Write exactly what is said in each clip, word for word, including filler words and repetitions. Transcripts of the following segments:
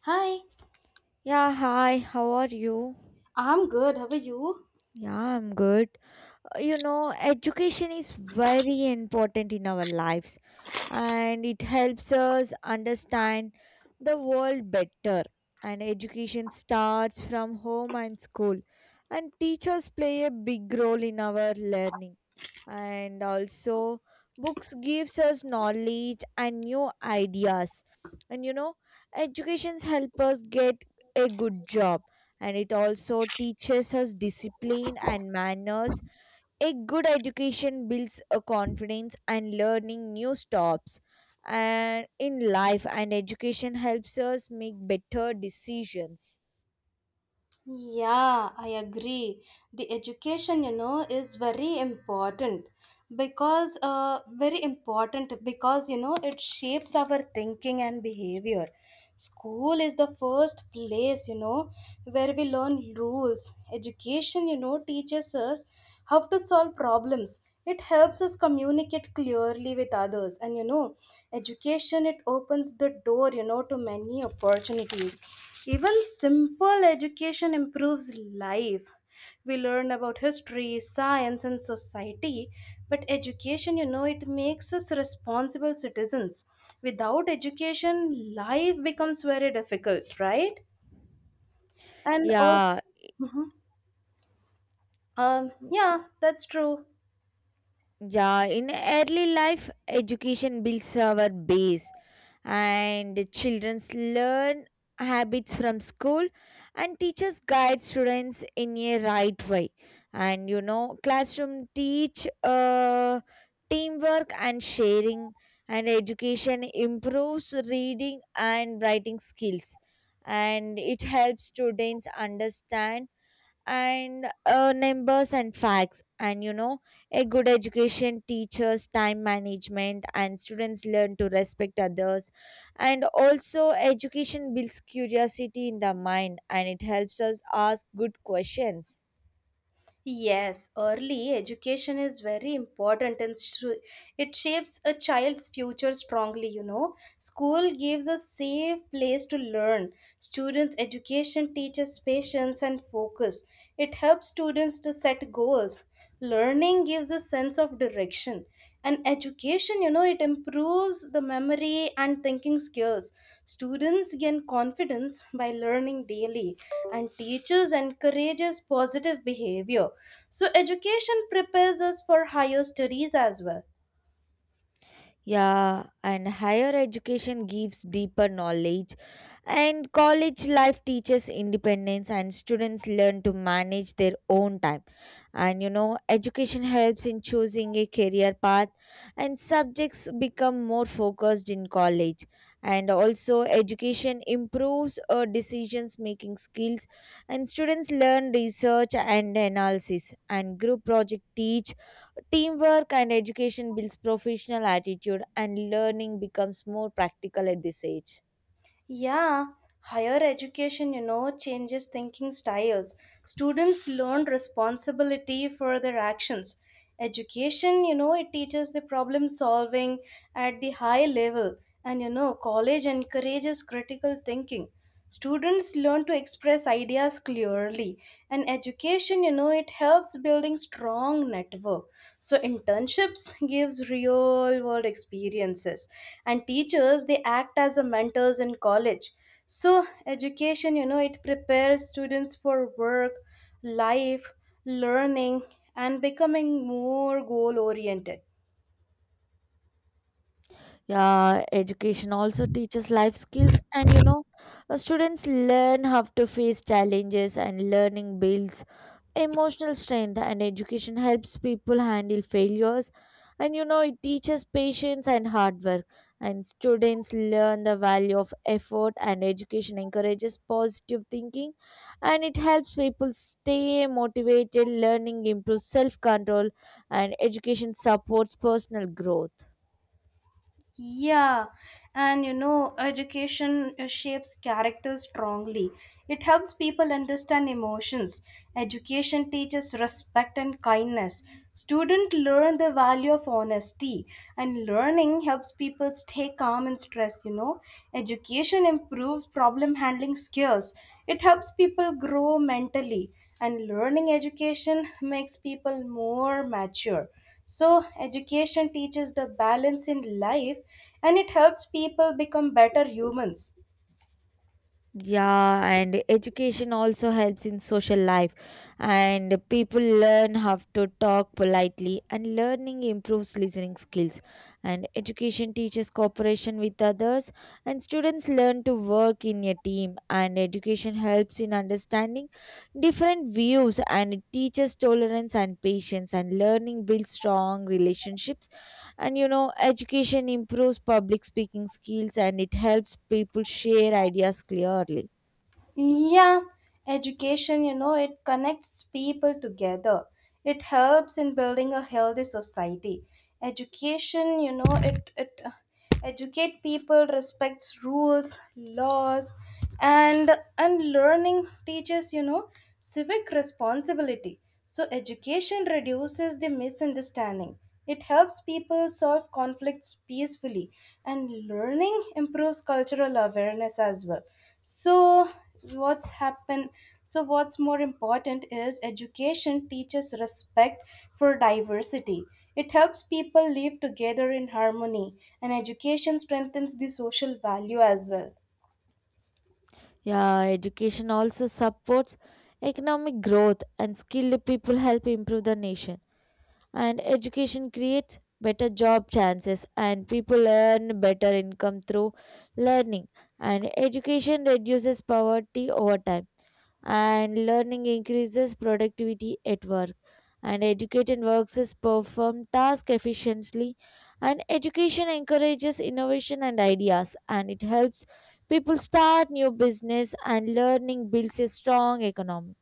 Hi, Yeah, hi, how are you? I'm good. How are you? Yeah, I'm good. Uh, You know, education is very important in our lives, and it helps us understand the world better. And education starts from home and school, and teachers play a big role in our learning, and also books gives us knowledge and new ideas, and you know educations help us get a good job, and it also teaches us discipline and manners. A good education builds a confidence and learning new stops and in life, and education helps us make better decisions. Yeah, I agree. The education, you know, is very important because uh, very important because you know it shapes our thinking and behavior. School is the first place, you know, where we learn rules. Education, you know, teaches us how to solve problems. It helps us communicate clearly with others, and you know, education it opens the door, you know, to many opportunities. Even simple education improves life. We learn about history, science, and society, but education, you know, it makes us responsible citizens. Without education, life becomes very difficult, right? And also, Yeah um, yeah, that's true. yeah in early life education builds our base and children learn habits from school and teachers guide students in a right way and you know classroom teach uh, teamwork and sharing, and education improves reading and writing skills, and it helps students understand and uh, numbers and facts. And you know a good education teaches time management, and students learn to respect others. And also education builds curiosity in the mind, and it helps us ask good questions. Yes, early education is very important and sh- it shapes a child's future strongly, you know. School gives a safe place to learn. Students' education teaches patience and focus. It helps students to set goals. Learning gives a sense of direction, and education you know it improves the memory and thinking skills. Students gain confidence by learning daily, and teachers encourages positive behavior. So education prepares us for higher studies as well. Yeah, and higher education gives deeper knowledge, and college life teaches independence, and students learn to manage their own time. And you know, education helps in choosing a career path, and subjects become more focused in college. And also, education improves uh, decisions making skills, and students learn research and analysis, and group project teach teamwork, and education builds professional attitude, and learning becomes more practical at this age. Yeah, higher education, you know, changes thinking styles. Students learn responsibility for their actions. Education, you know, it teaches the problem solving at the high level. And, you know, college encourages critical thinking. Students learn to express ideas clearly, and education, you know, it helps building strong network. So internships gives real world experiences, and teachers they act as a mentors in college. So education, you know, it prepares students for work, life, learning, and becoming more goal oriented. Yeah, education also teaches life skills, and you know, uh, students learn how to face challenges, and learning builds emotional strength, and education helps people handle failures. And you know, it teaches patience and hard work, and students learn the value of effort, and education encourages positive thinking, and it helps people stay motivated. Learning improves self control, and education supports personal growth. Yeah, and you know, education uh, shapes character strongly. It helps people understand emotions. Education teaches respect and kindness. Students learn the value of honesty, and learning helps people stay calm in stress. You know, education improves problem handling skills. It helps people grow mentally, and learning education makes people more mature. So, education teaches the balance in life, and it helps people become better humans. Yeah, and education also helps in social life, and people learn how to talk politely, and learning improves listening skills. And education teaches cooperation with others, and students learn to work in a team. And education helps in understanding different views, and it teaches tolerance and patience. And learning builds strong relationships. And you know, education improves public speaking skills, and it helps people share ideas clearly. Yeah, education, you know, it connects people together. It helps in building a healthy society. Education, you know, it, it uh, educate people respects rules, laws, and and learning teaches, you know, civic responsibility. So, education reduces the misunderstanding. It helps people solve conflicts peacefully, and learning improves cultural awareness as well. So, what's happened? So, what's more important is education teaches respect for diversity. It helps people live together in harmony, and education strengthens the social value as well. Yeah, education also supports economic growth, and skilled people help improve the nation. And education creates better job chances, and people earn better income through learning. And education reduces poverty over time, and learning increases productivity at work, and educated workers perform tasks efficiently, and education encourages innovation and ideas, and it helps people start new business, and learning builds a strong economy.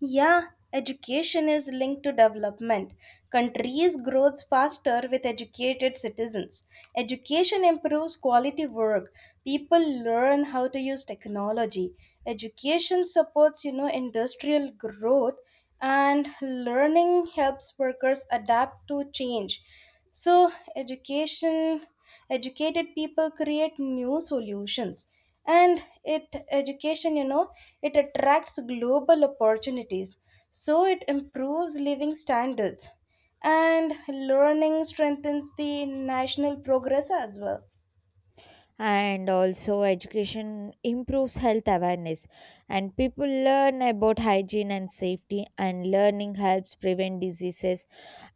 Yeah, education is linked to development. Countries grows faster with educated citizens. Education improves quality work. People learn how to use technology. Education supports, you know, industrial growth, and learning helps workers adapt to change. So education educated people create new solutions, and it education you know it attracts global opportunities. So it improves living standards, and learning strengthens the national progress as well. And also education improves health awareness, and people learn about hygiene and safety, and learning helps prevent diseases,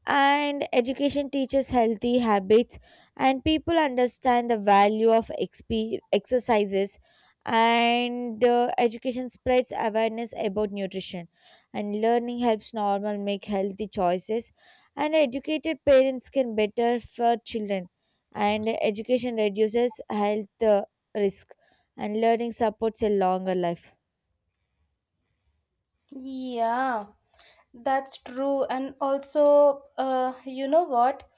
and education teaches healthy habits, and people understand the value of exp- exercises, and uh, education spreads awareness about nutrition, and learning helps normal make healthy choices, and educated parents can better for children, and education reduces health uh, risk, and learning supports a longer life. Yeah, that's true. And also, uh, you know what?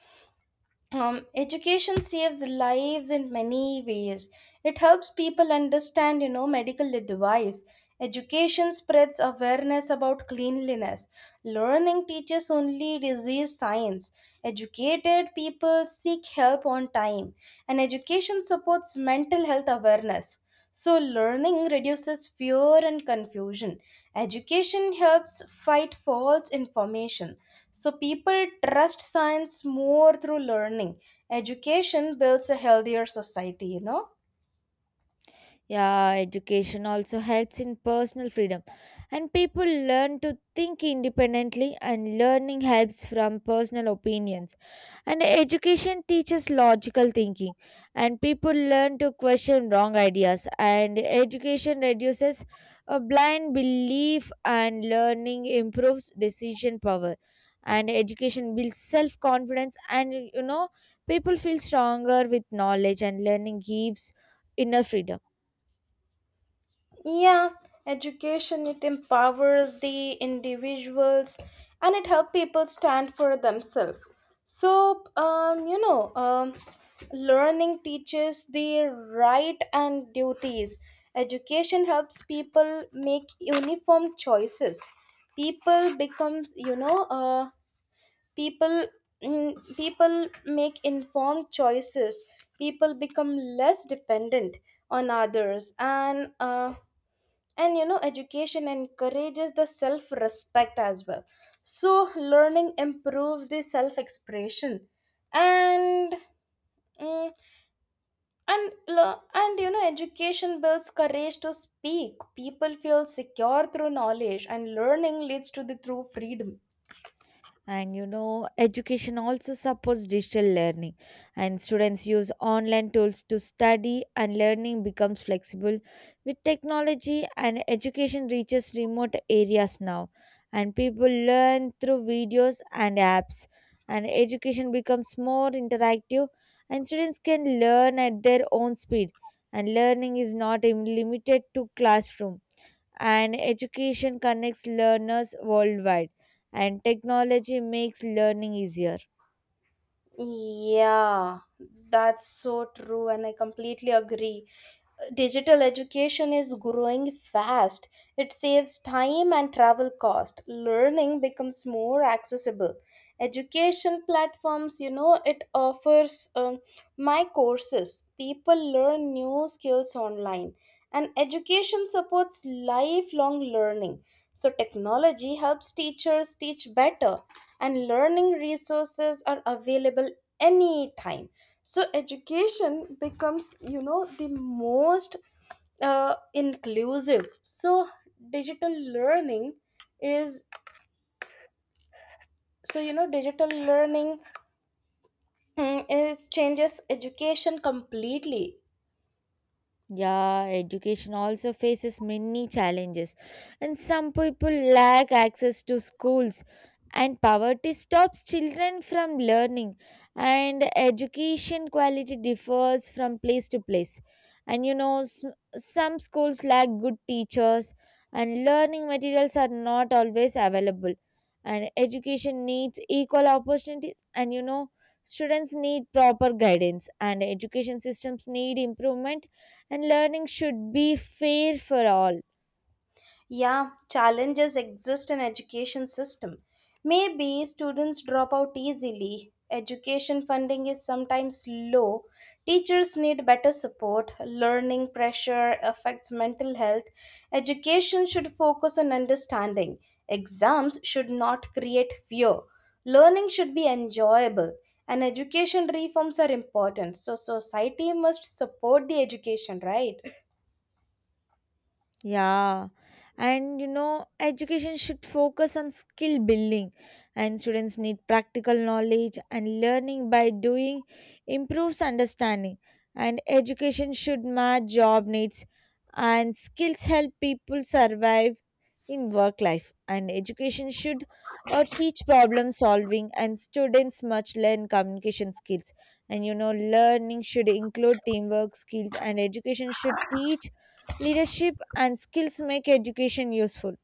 Um, education saves lives in many ways. It helps people understand, you know, medical advice. Education spreads awareness about cleanliness. Learning teaches only disease science. Educated people seek help on time. And education supports mental health awareness. So, learning reduces fear and confusion. Education helps fight false information. So, people trust science more through learning. Education builds a healthier society, you know. Yeah, education also helps in personal freedom, and people learn to think independently, and learning helps from personal opinions. And education teaches logical thinking, and people learn to question wrong ideas, and education reduces a blind belief, and learning improves decision power. And education builds self confidence, and you know, people feel stronger with knowledge, and learning gives inner freedom. Yeah, education it empowers the individuals, and it helps people stand for themselves. So, um, you know, um, learning teaches the right and duties. Education helps people make uniform choices. People becomes, you know, uh, people mm, people make informed choices. People become less dependent on others and uh, and you know education encourages the self respect as well. So learning improves the self expression, and mm, and lo- and you know education builds courage to speak. People feel secure through knowledge, and learning leads to the true freedom. And you know, education also supports digital learning, and students use online tools to study, and learning becomes flexible with technology, and education reaches remote areas now, and people learn through videos and apps, and education becomes more interactive, and students can learn at their own speed, and learning is not im- limited to classroom, and education connects learners worldwide, and technology makes learning easier. Yeah, that's so true, and I completely agree. Digital education is growing fast. It saves time and travel cost. Learning becomes more accessible. Education platforms, you know, it offers um, my courses. People learn new skills online. And education supports lifelong learning. So, technology helps teachers teach better, and learning resources are available anytime. So, education becomes, you know, the most uh, inclusive. So, digital learning is, so, you know, digital learning mm, is changes education completely. Yeah, education also faces many challenges, and some people lack access to schools, and poverty stops children from learning, and education quality differs from place to place. And you know, s- some schools lack good teachers, and learning materials are not always available. And education needs equal opportunities, and you know, students need proper guidance, and education systems need improvement, and learning should be fair for all. Yeah, challenges exist in education system. Maybe students drop out easily. Education funding is sometimes low. Teachers need better support. Learning pressure affects mental health. Education should focus on understanding. Exams should not create fear. Learning should be enjoyable. And education reforms are important. So society must support the education, right? Yeah, and you know, education should focus on skill building, and students need practical knowledge, and learning by doing improves understanding. And education should match job needs, and skills help people survive in work life. And education should uh, teach problem solving, and students must learn communication skills. And you know, learning should include teamwork skills, and education should teach leadership, and skills make education useful.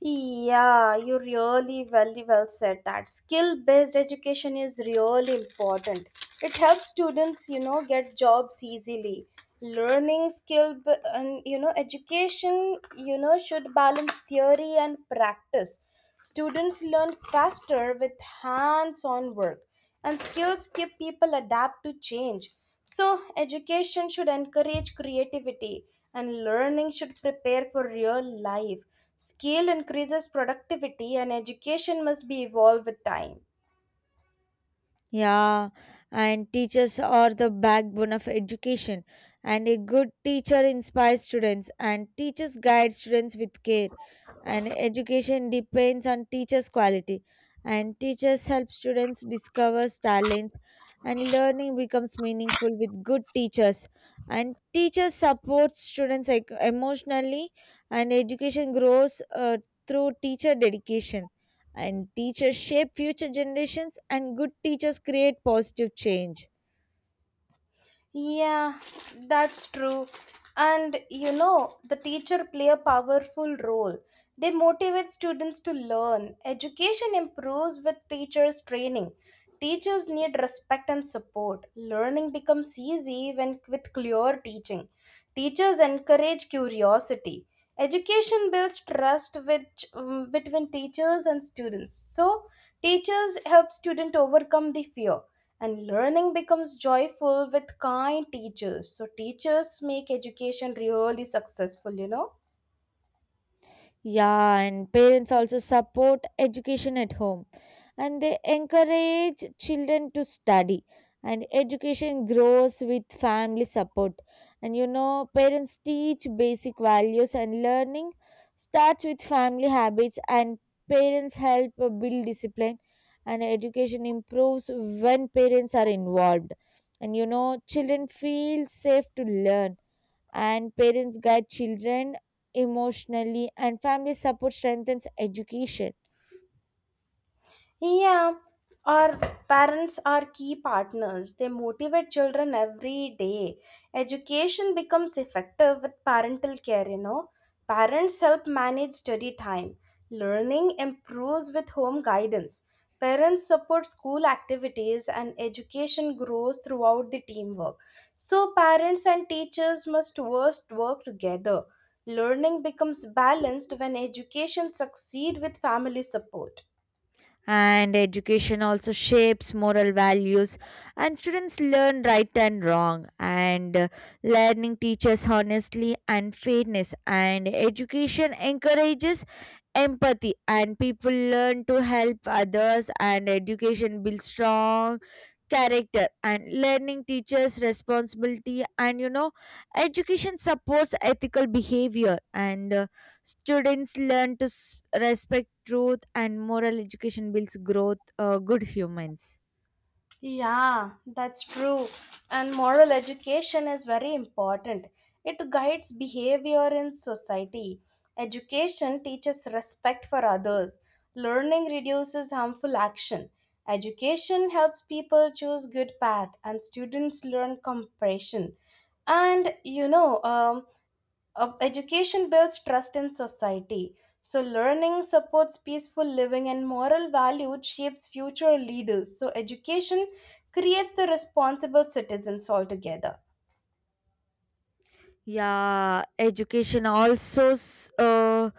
Yeah, you really very well said that. Skill-based education is really important. It helps students, you know, get jobs easily. Learning skill b- and you know education, you know, should balance theory and practice. Students learn faster with hands on work, and skills keep people adapt to change. So, education should encourage creativity, and learning should prepare for real life. Skill increases productivity, and education must be evolved with time. Yeah, and teachers are the backbone of education. And a good teacher inspires students, and teachers guide students with care. And education depends on teachers' quality. And teachers help students discover talents, and learning becomes meaningful with good teachers. And teachers support students like, emotionally, and education grows uh, through teacher dedication, and teachers shape future generations, and good teachers create positive change. Yeah, that's true. And you know, the teacher play a powerful role. They motivate students to learn. Education improves with teachers' training. Teachers need respect and support. Learning becomes easy when with clear teaching. Teachers encourage curiosity. Education builds trust which, um, between teachers and students. So, teachers help students overcome the fear, and learning becomes joyful with kind teachers. So, teachers make education really successful, you know. Yeah, and parents also support education at home, and they encourage children to study, and education grows with family support. And you know, parents teach basic values, and learning starts with family habits, and parents help uh, build discipline, and education improves when parents are involved. And you know, children feel safe to learn, and parents guide children emotionally, and family support strengthens education. Yeah, our parents are key partners. They motivate children every day. Education becomes effective with parental care, you know. Parents help manage study time. Learning improves with home guidance. Parents support school activities, and education grows throughout the teamwork. So, parents and teachers must worst work together. Learning becomes balanced when education succeed with family support. And education also shapes moral values, and students learn right and wrong, and uh, learning teaches honestly and fairness, and education encourages empathy, and people learn to help others, and education builds strong character, and learning teachers responsibility. And you know, education supports ethical behavior, and uh, students learn to s- respect truth, and moral education builds growth uh, good humans. Yeah, that's true. And moral education is very important. It guides behavior in society. Education teaches respect for others. Learning reduces harmful action. Education helps people choose good path, and students learn compassion. And you know, um, uh, education builds trust in society. So, learning supports peaceful living, and moral value shapes future leaders. So, education creates the responsible citizens altogether. Yeah, education also s- uh,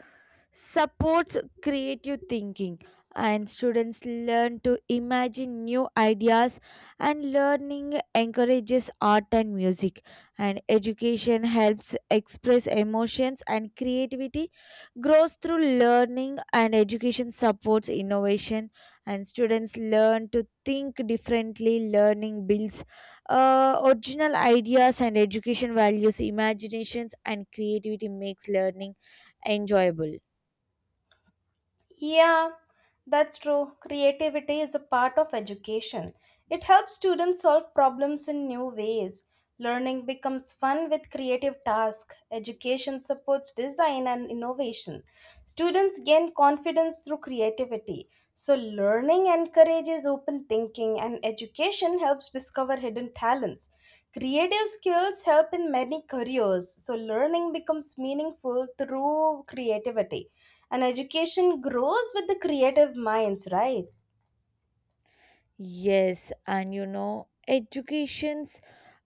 supports creative thinking, and students learn to imagine new ideas, and learning encourages art and music, and education helps express emotions, and creativity grows through learning, and education supports innovation, and students learn to think differently. Learning builds uh, original ideas, and education values imaginations, and creativity makes learning enjoyable. Yeah, that's true. Creativity is a part of education. It helps students solve problems in new ways. Learning becomes fun with creative tasks. Education supports design and innovation. Students gain confidence through creativity. So, learning encourages open thinking, and education helps discover hidden talents. Creative skills help in many careers, so, learning becomes meaningful through creativity. And education grows with the creative minds, right? Yes, and you know, educations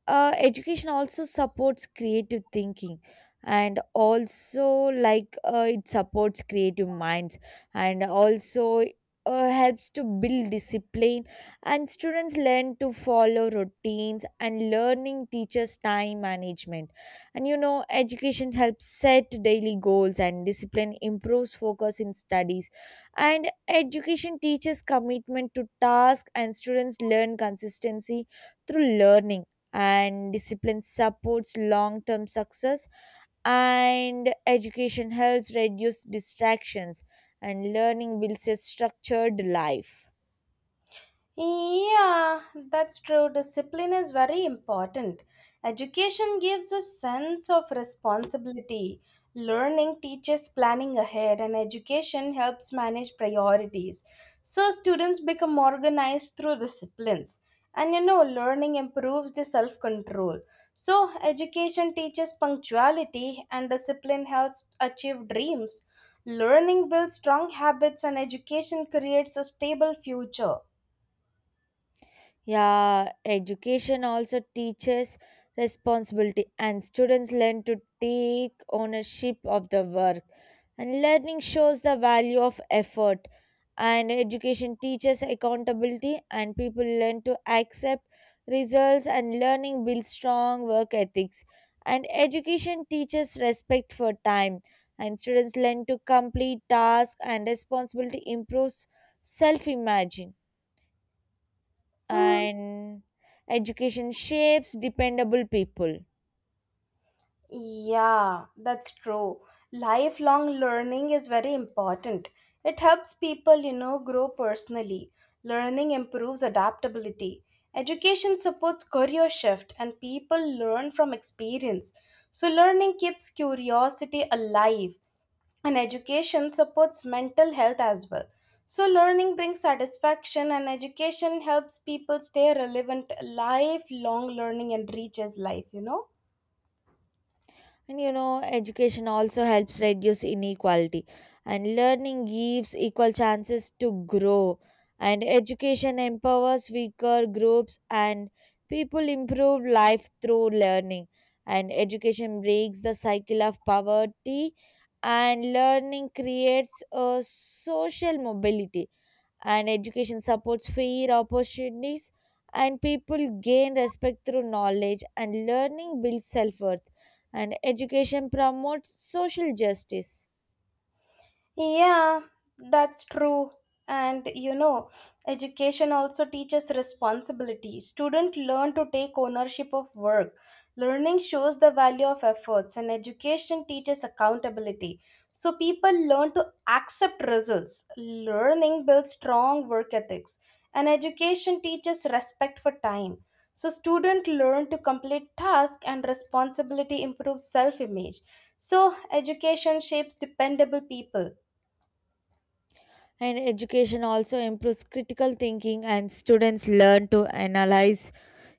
uh, education also supports creative thinking, and also like uh, it supports creative minds, and also uh, helps to build discipline, and students learn to follow routines, and learning teaches time management. And you know, education helps set daily goals, and discipline improves focus in studies, and education teaches commitment to task, and students learn consistency through learning, and discipline supports long term success, and education helps reduce distractions, and learning builds a structured life. Yeah, that's true. Discipline is very important. Education gives a sense of responsibility. Learning teaches planning ahead, and education helps manage priorities. So, students become organized through disciplines. And you know, learning improves the self control. So, education teaches punctuality, and discipline helps achieve dreams. Learning builds strong habits, and education creates a stable future. Yeah, education also teaches responsibility, and students learn to take ownership of the work. And learning shows the value of effort, and education teaches accountability, and people learn to accept results, and learning builds strong work ethics. And education teaches respect for time, and students learn to complete tasks, and responsibility improves self imagine. Hmm. And education shapes dependable people. Yeah, that's true. Lifelong learning is very important. It helps people, you know, grow personally. Learning improves adaptability. Education supports career shift, and people learn from experience. So learning keeps curiosity alive, and education supports mental health as well. So learning brings satisfaction, and education helps people stay relevant. Lifelong learning enriches life, you know. And you know, education also helps reduce inequality, and learning gives equal chances to grow, and education empowers weaker groups, and people improve life through learning, and education breaks the cycle of poverty, and learning creates a social mobility, and education supports fair opportunities, and people gain respect through knowledge, and learning builds self-worth, and education promotes social justice. Yeah, that's true. And you know, education also teaches responsibility. Students learn to take ownership of work. Learning shows the value of efforts, and education teaches accountability. So people learn to accept results. Learning builds strong work ethics, and education teaches respect for time. So students learn to complete tasks, and responsibility improves self image. So education shapes dependable people. And education also improves critical thinking, and students learn to analyze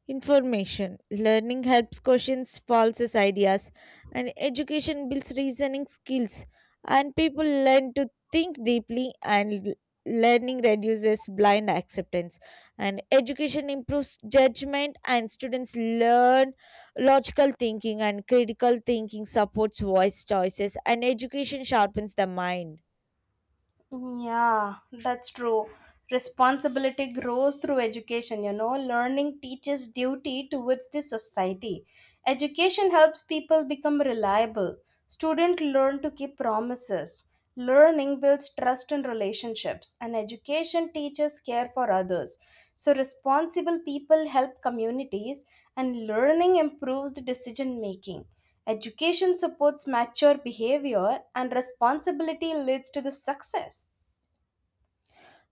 information. Learning helps questions false ideas, and education builds reasoning skills. And people learn to think deeply, and l- learning reduces blind acceptance. And education improves judgment, and students learn logical thinking, and critical thinking supports voice choices, and education sharpens the mind. Yeah, that's true. Responsibility grows through education, you know. Learning teaches duty towards the society. Education helps people become reliable. Students learn to keep promises. Learning builds trust in relationships, and education teaches care for others. So, responsible people help communities, and learning improves the decision making. Education supports mature behavior, and responsibility leads to the success.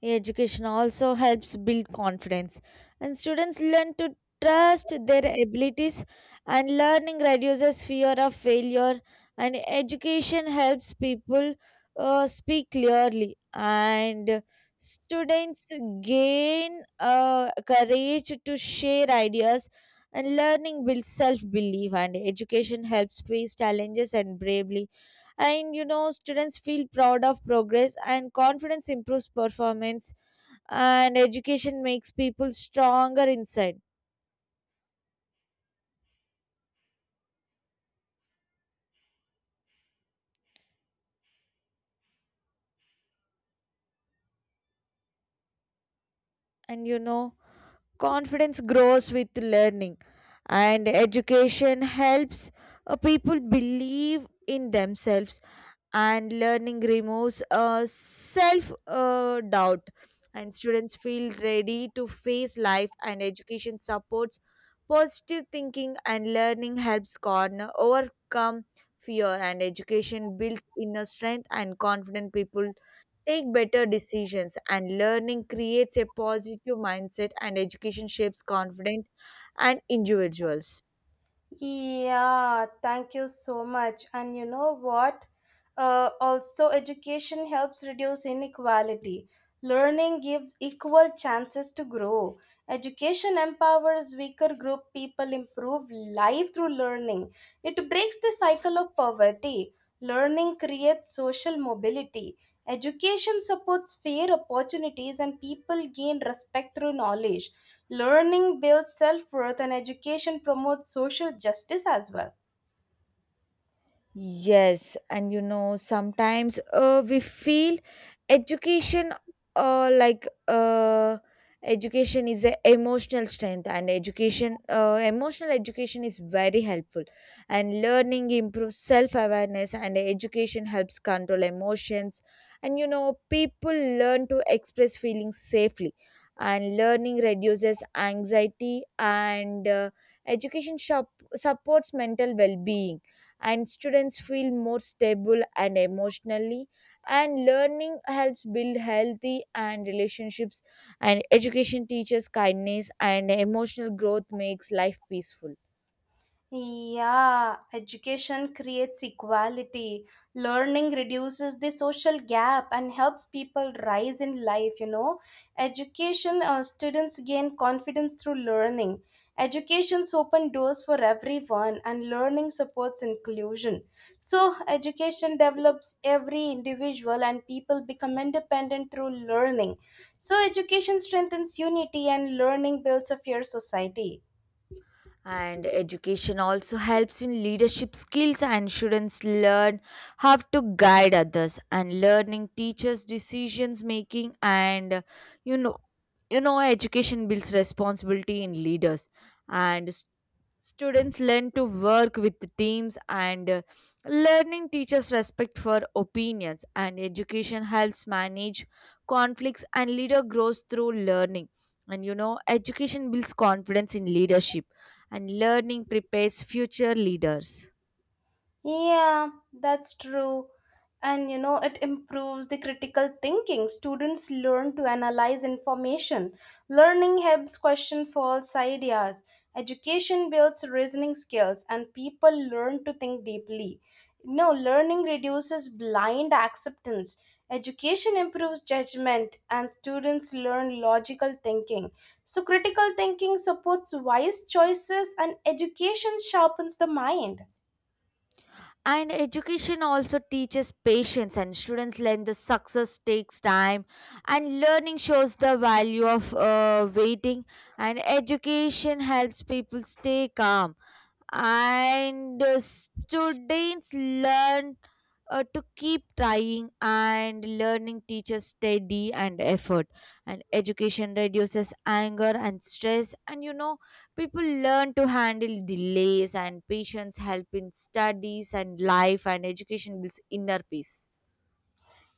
Education also helps build confidence, and students learn to trust their abilities, and learning reduces fear of failure, and education helps people uh, speak clearly, and students gain uh, courage to share ideas, and learning builds self belief, and education helps face challenges and bravely. And you know, students feel proud of progress, and confidence improves performance, and education makes people stronger inside. And you know, confidence grows with learning, and education helps uh, people believe in themselves, and learning removes uh, self uh, doubt, and students feel ready to face life, and education supports positive thinking, and learning helps corner overcome fear, and education builds inner strength, and confident people take better decisions, and learning creates a positive mindset, and education shapes confident and individuals. Yeah, thank you so much. And you know what? Uh, also, education helps reduce inequality. Learning gives equal chances to grow. Education empowers weaker group people improve life through learning. It breaks the cycle of poverty. Learning creates social mobility. Education supports fair opportunities, and people gain respect through knowledge. Learning builds self worth, and education promotes social justice as well. Yes, and you know, sometimes uh, we feel education uh, like uh, education is a emotional strength, and education uh, emotional education is very helpful, and learning improves self-awareness, and education helps control emotions. And you know, people learn to express feelings safely, and learning reduces anxiety, and uh, education shop- supports mental well-being, and students feel more stable and emotionally, and learning helps build healthy and relationships, and education teaches kindness, and emotional growth makes life peaceful. Yeah, education creates equality. Learning reduces the social gap and helps people rise in life, you know. Education, uh, students gain confidence through learning. Education's open doors for everyone, and learning supports inclusion. So, education develops every individual, and people become independent through learning. So, education strengthens unity, and learning builds a fair society. And education also helps in leadership skills, and students learn how to guide others, and learning teaches decisions making. And you know you know education builds responsibility in leaders, and s- students learn to work with the teams, and uh, learning teaches respect for opinions, and education helps manage conflicts, and leader grows through learning. And you know, education builds confidence in leadership, and learning prepares future leaders. Yeah, that's true. And you know, it improves the critical thinking. Students learn to analyze information. Learning helps question false ideas. Education builds reasoning skills, and people learn to think deeply. No, learning reduces blind acceptance. Education improves judgment, and students learn logical thinking. So, critical thinking supports wise choices, and education sharpens the mind. And education also teaches patience, and students learn the success takes time, and learning shows the value of uh, waiting. And education helps people stay calm, and uh, students learn uh, to keep trying, and learning teaches steady and effort, and education reduces anger and stress. And you know, people learn to handle delays, and patience help in studies and life, and education builds inner peace.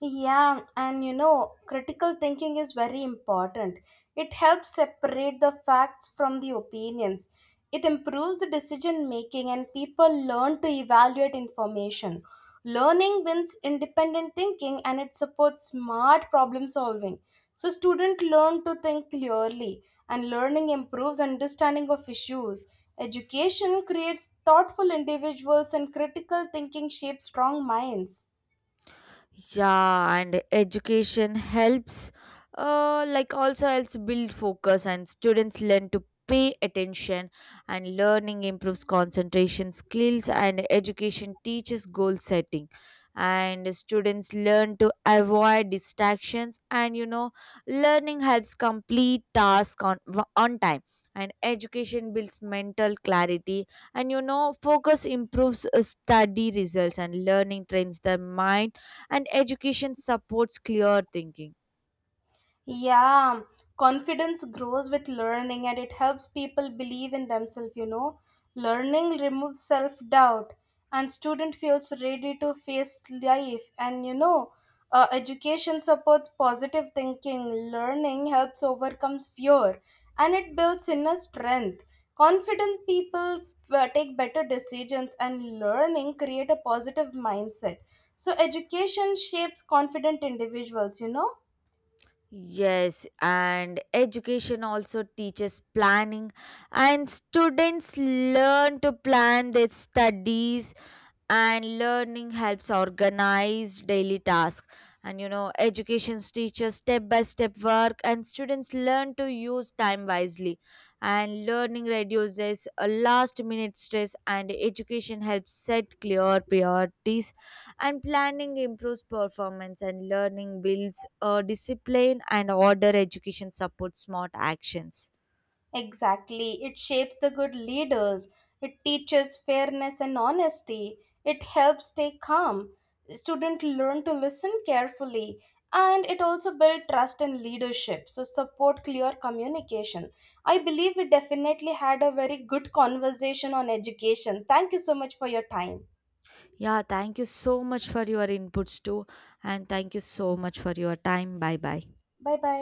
Yeah, and you know, critical thinking is very important. It helps separate the facts from the opinions. It improves the decision making, and people learn to evaluate information. Learning wins independent thinking, and it supports smart problem solving. So, students learn to think clearly, and learning improves understanding of issues. Education creates thoughtful individuals, and critical thinking shapes strong minds. Yeah, and education helps, uh, like also helps build focus, and students learn to pay attention, and learning improves concentration skills, and education teaches goal setting, and students learn to avoid distractions. And you know, learning helps complete task on on time. And education builds mental clarity, and you know, focus improves uh, study results, and learning trains the mind, and education supports clear thinking. Yeah, confidence grows with learning, and it helps people believe in themselves, you know. Learning removes self doubt, and student feels ready to face life, and you know uh, education supports positive thinking. Learning helps overcome fear, and it builds inner strength. Confident people uh, take better decisions, and learning create a positive mindset. So education shapes confident individuals you know Yes, and education also teaches planning, and students learn to plan their studies, and learning helps organize daily tasks. And you know, education teaches step by step work, and students learn to use time wisely, and learning reduces a last minute stress, and education helps set clear priorities, and planning improves performance, and learning builds a discipline and order, education supports smart actions. Exactly. It shapes the good leaders. It teaches fairness and honesty. It helps stay calm. Students learn to listen carefully. And it also builds trust and leadership. So support clear communication. I believe we definitely had a very good conversation on education. Thank you so much for your time. Yeah, thank you so much for your inputs too. And thank you so much for your time. Bye bye. Bye bye.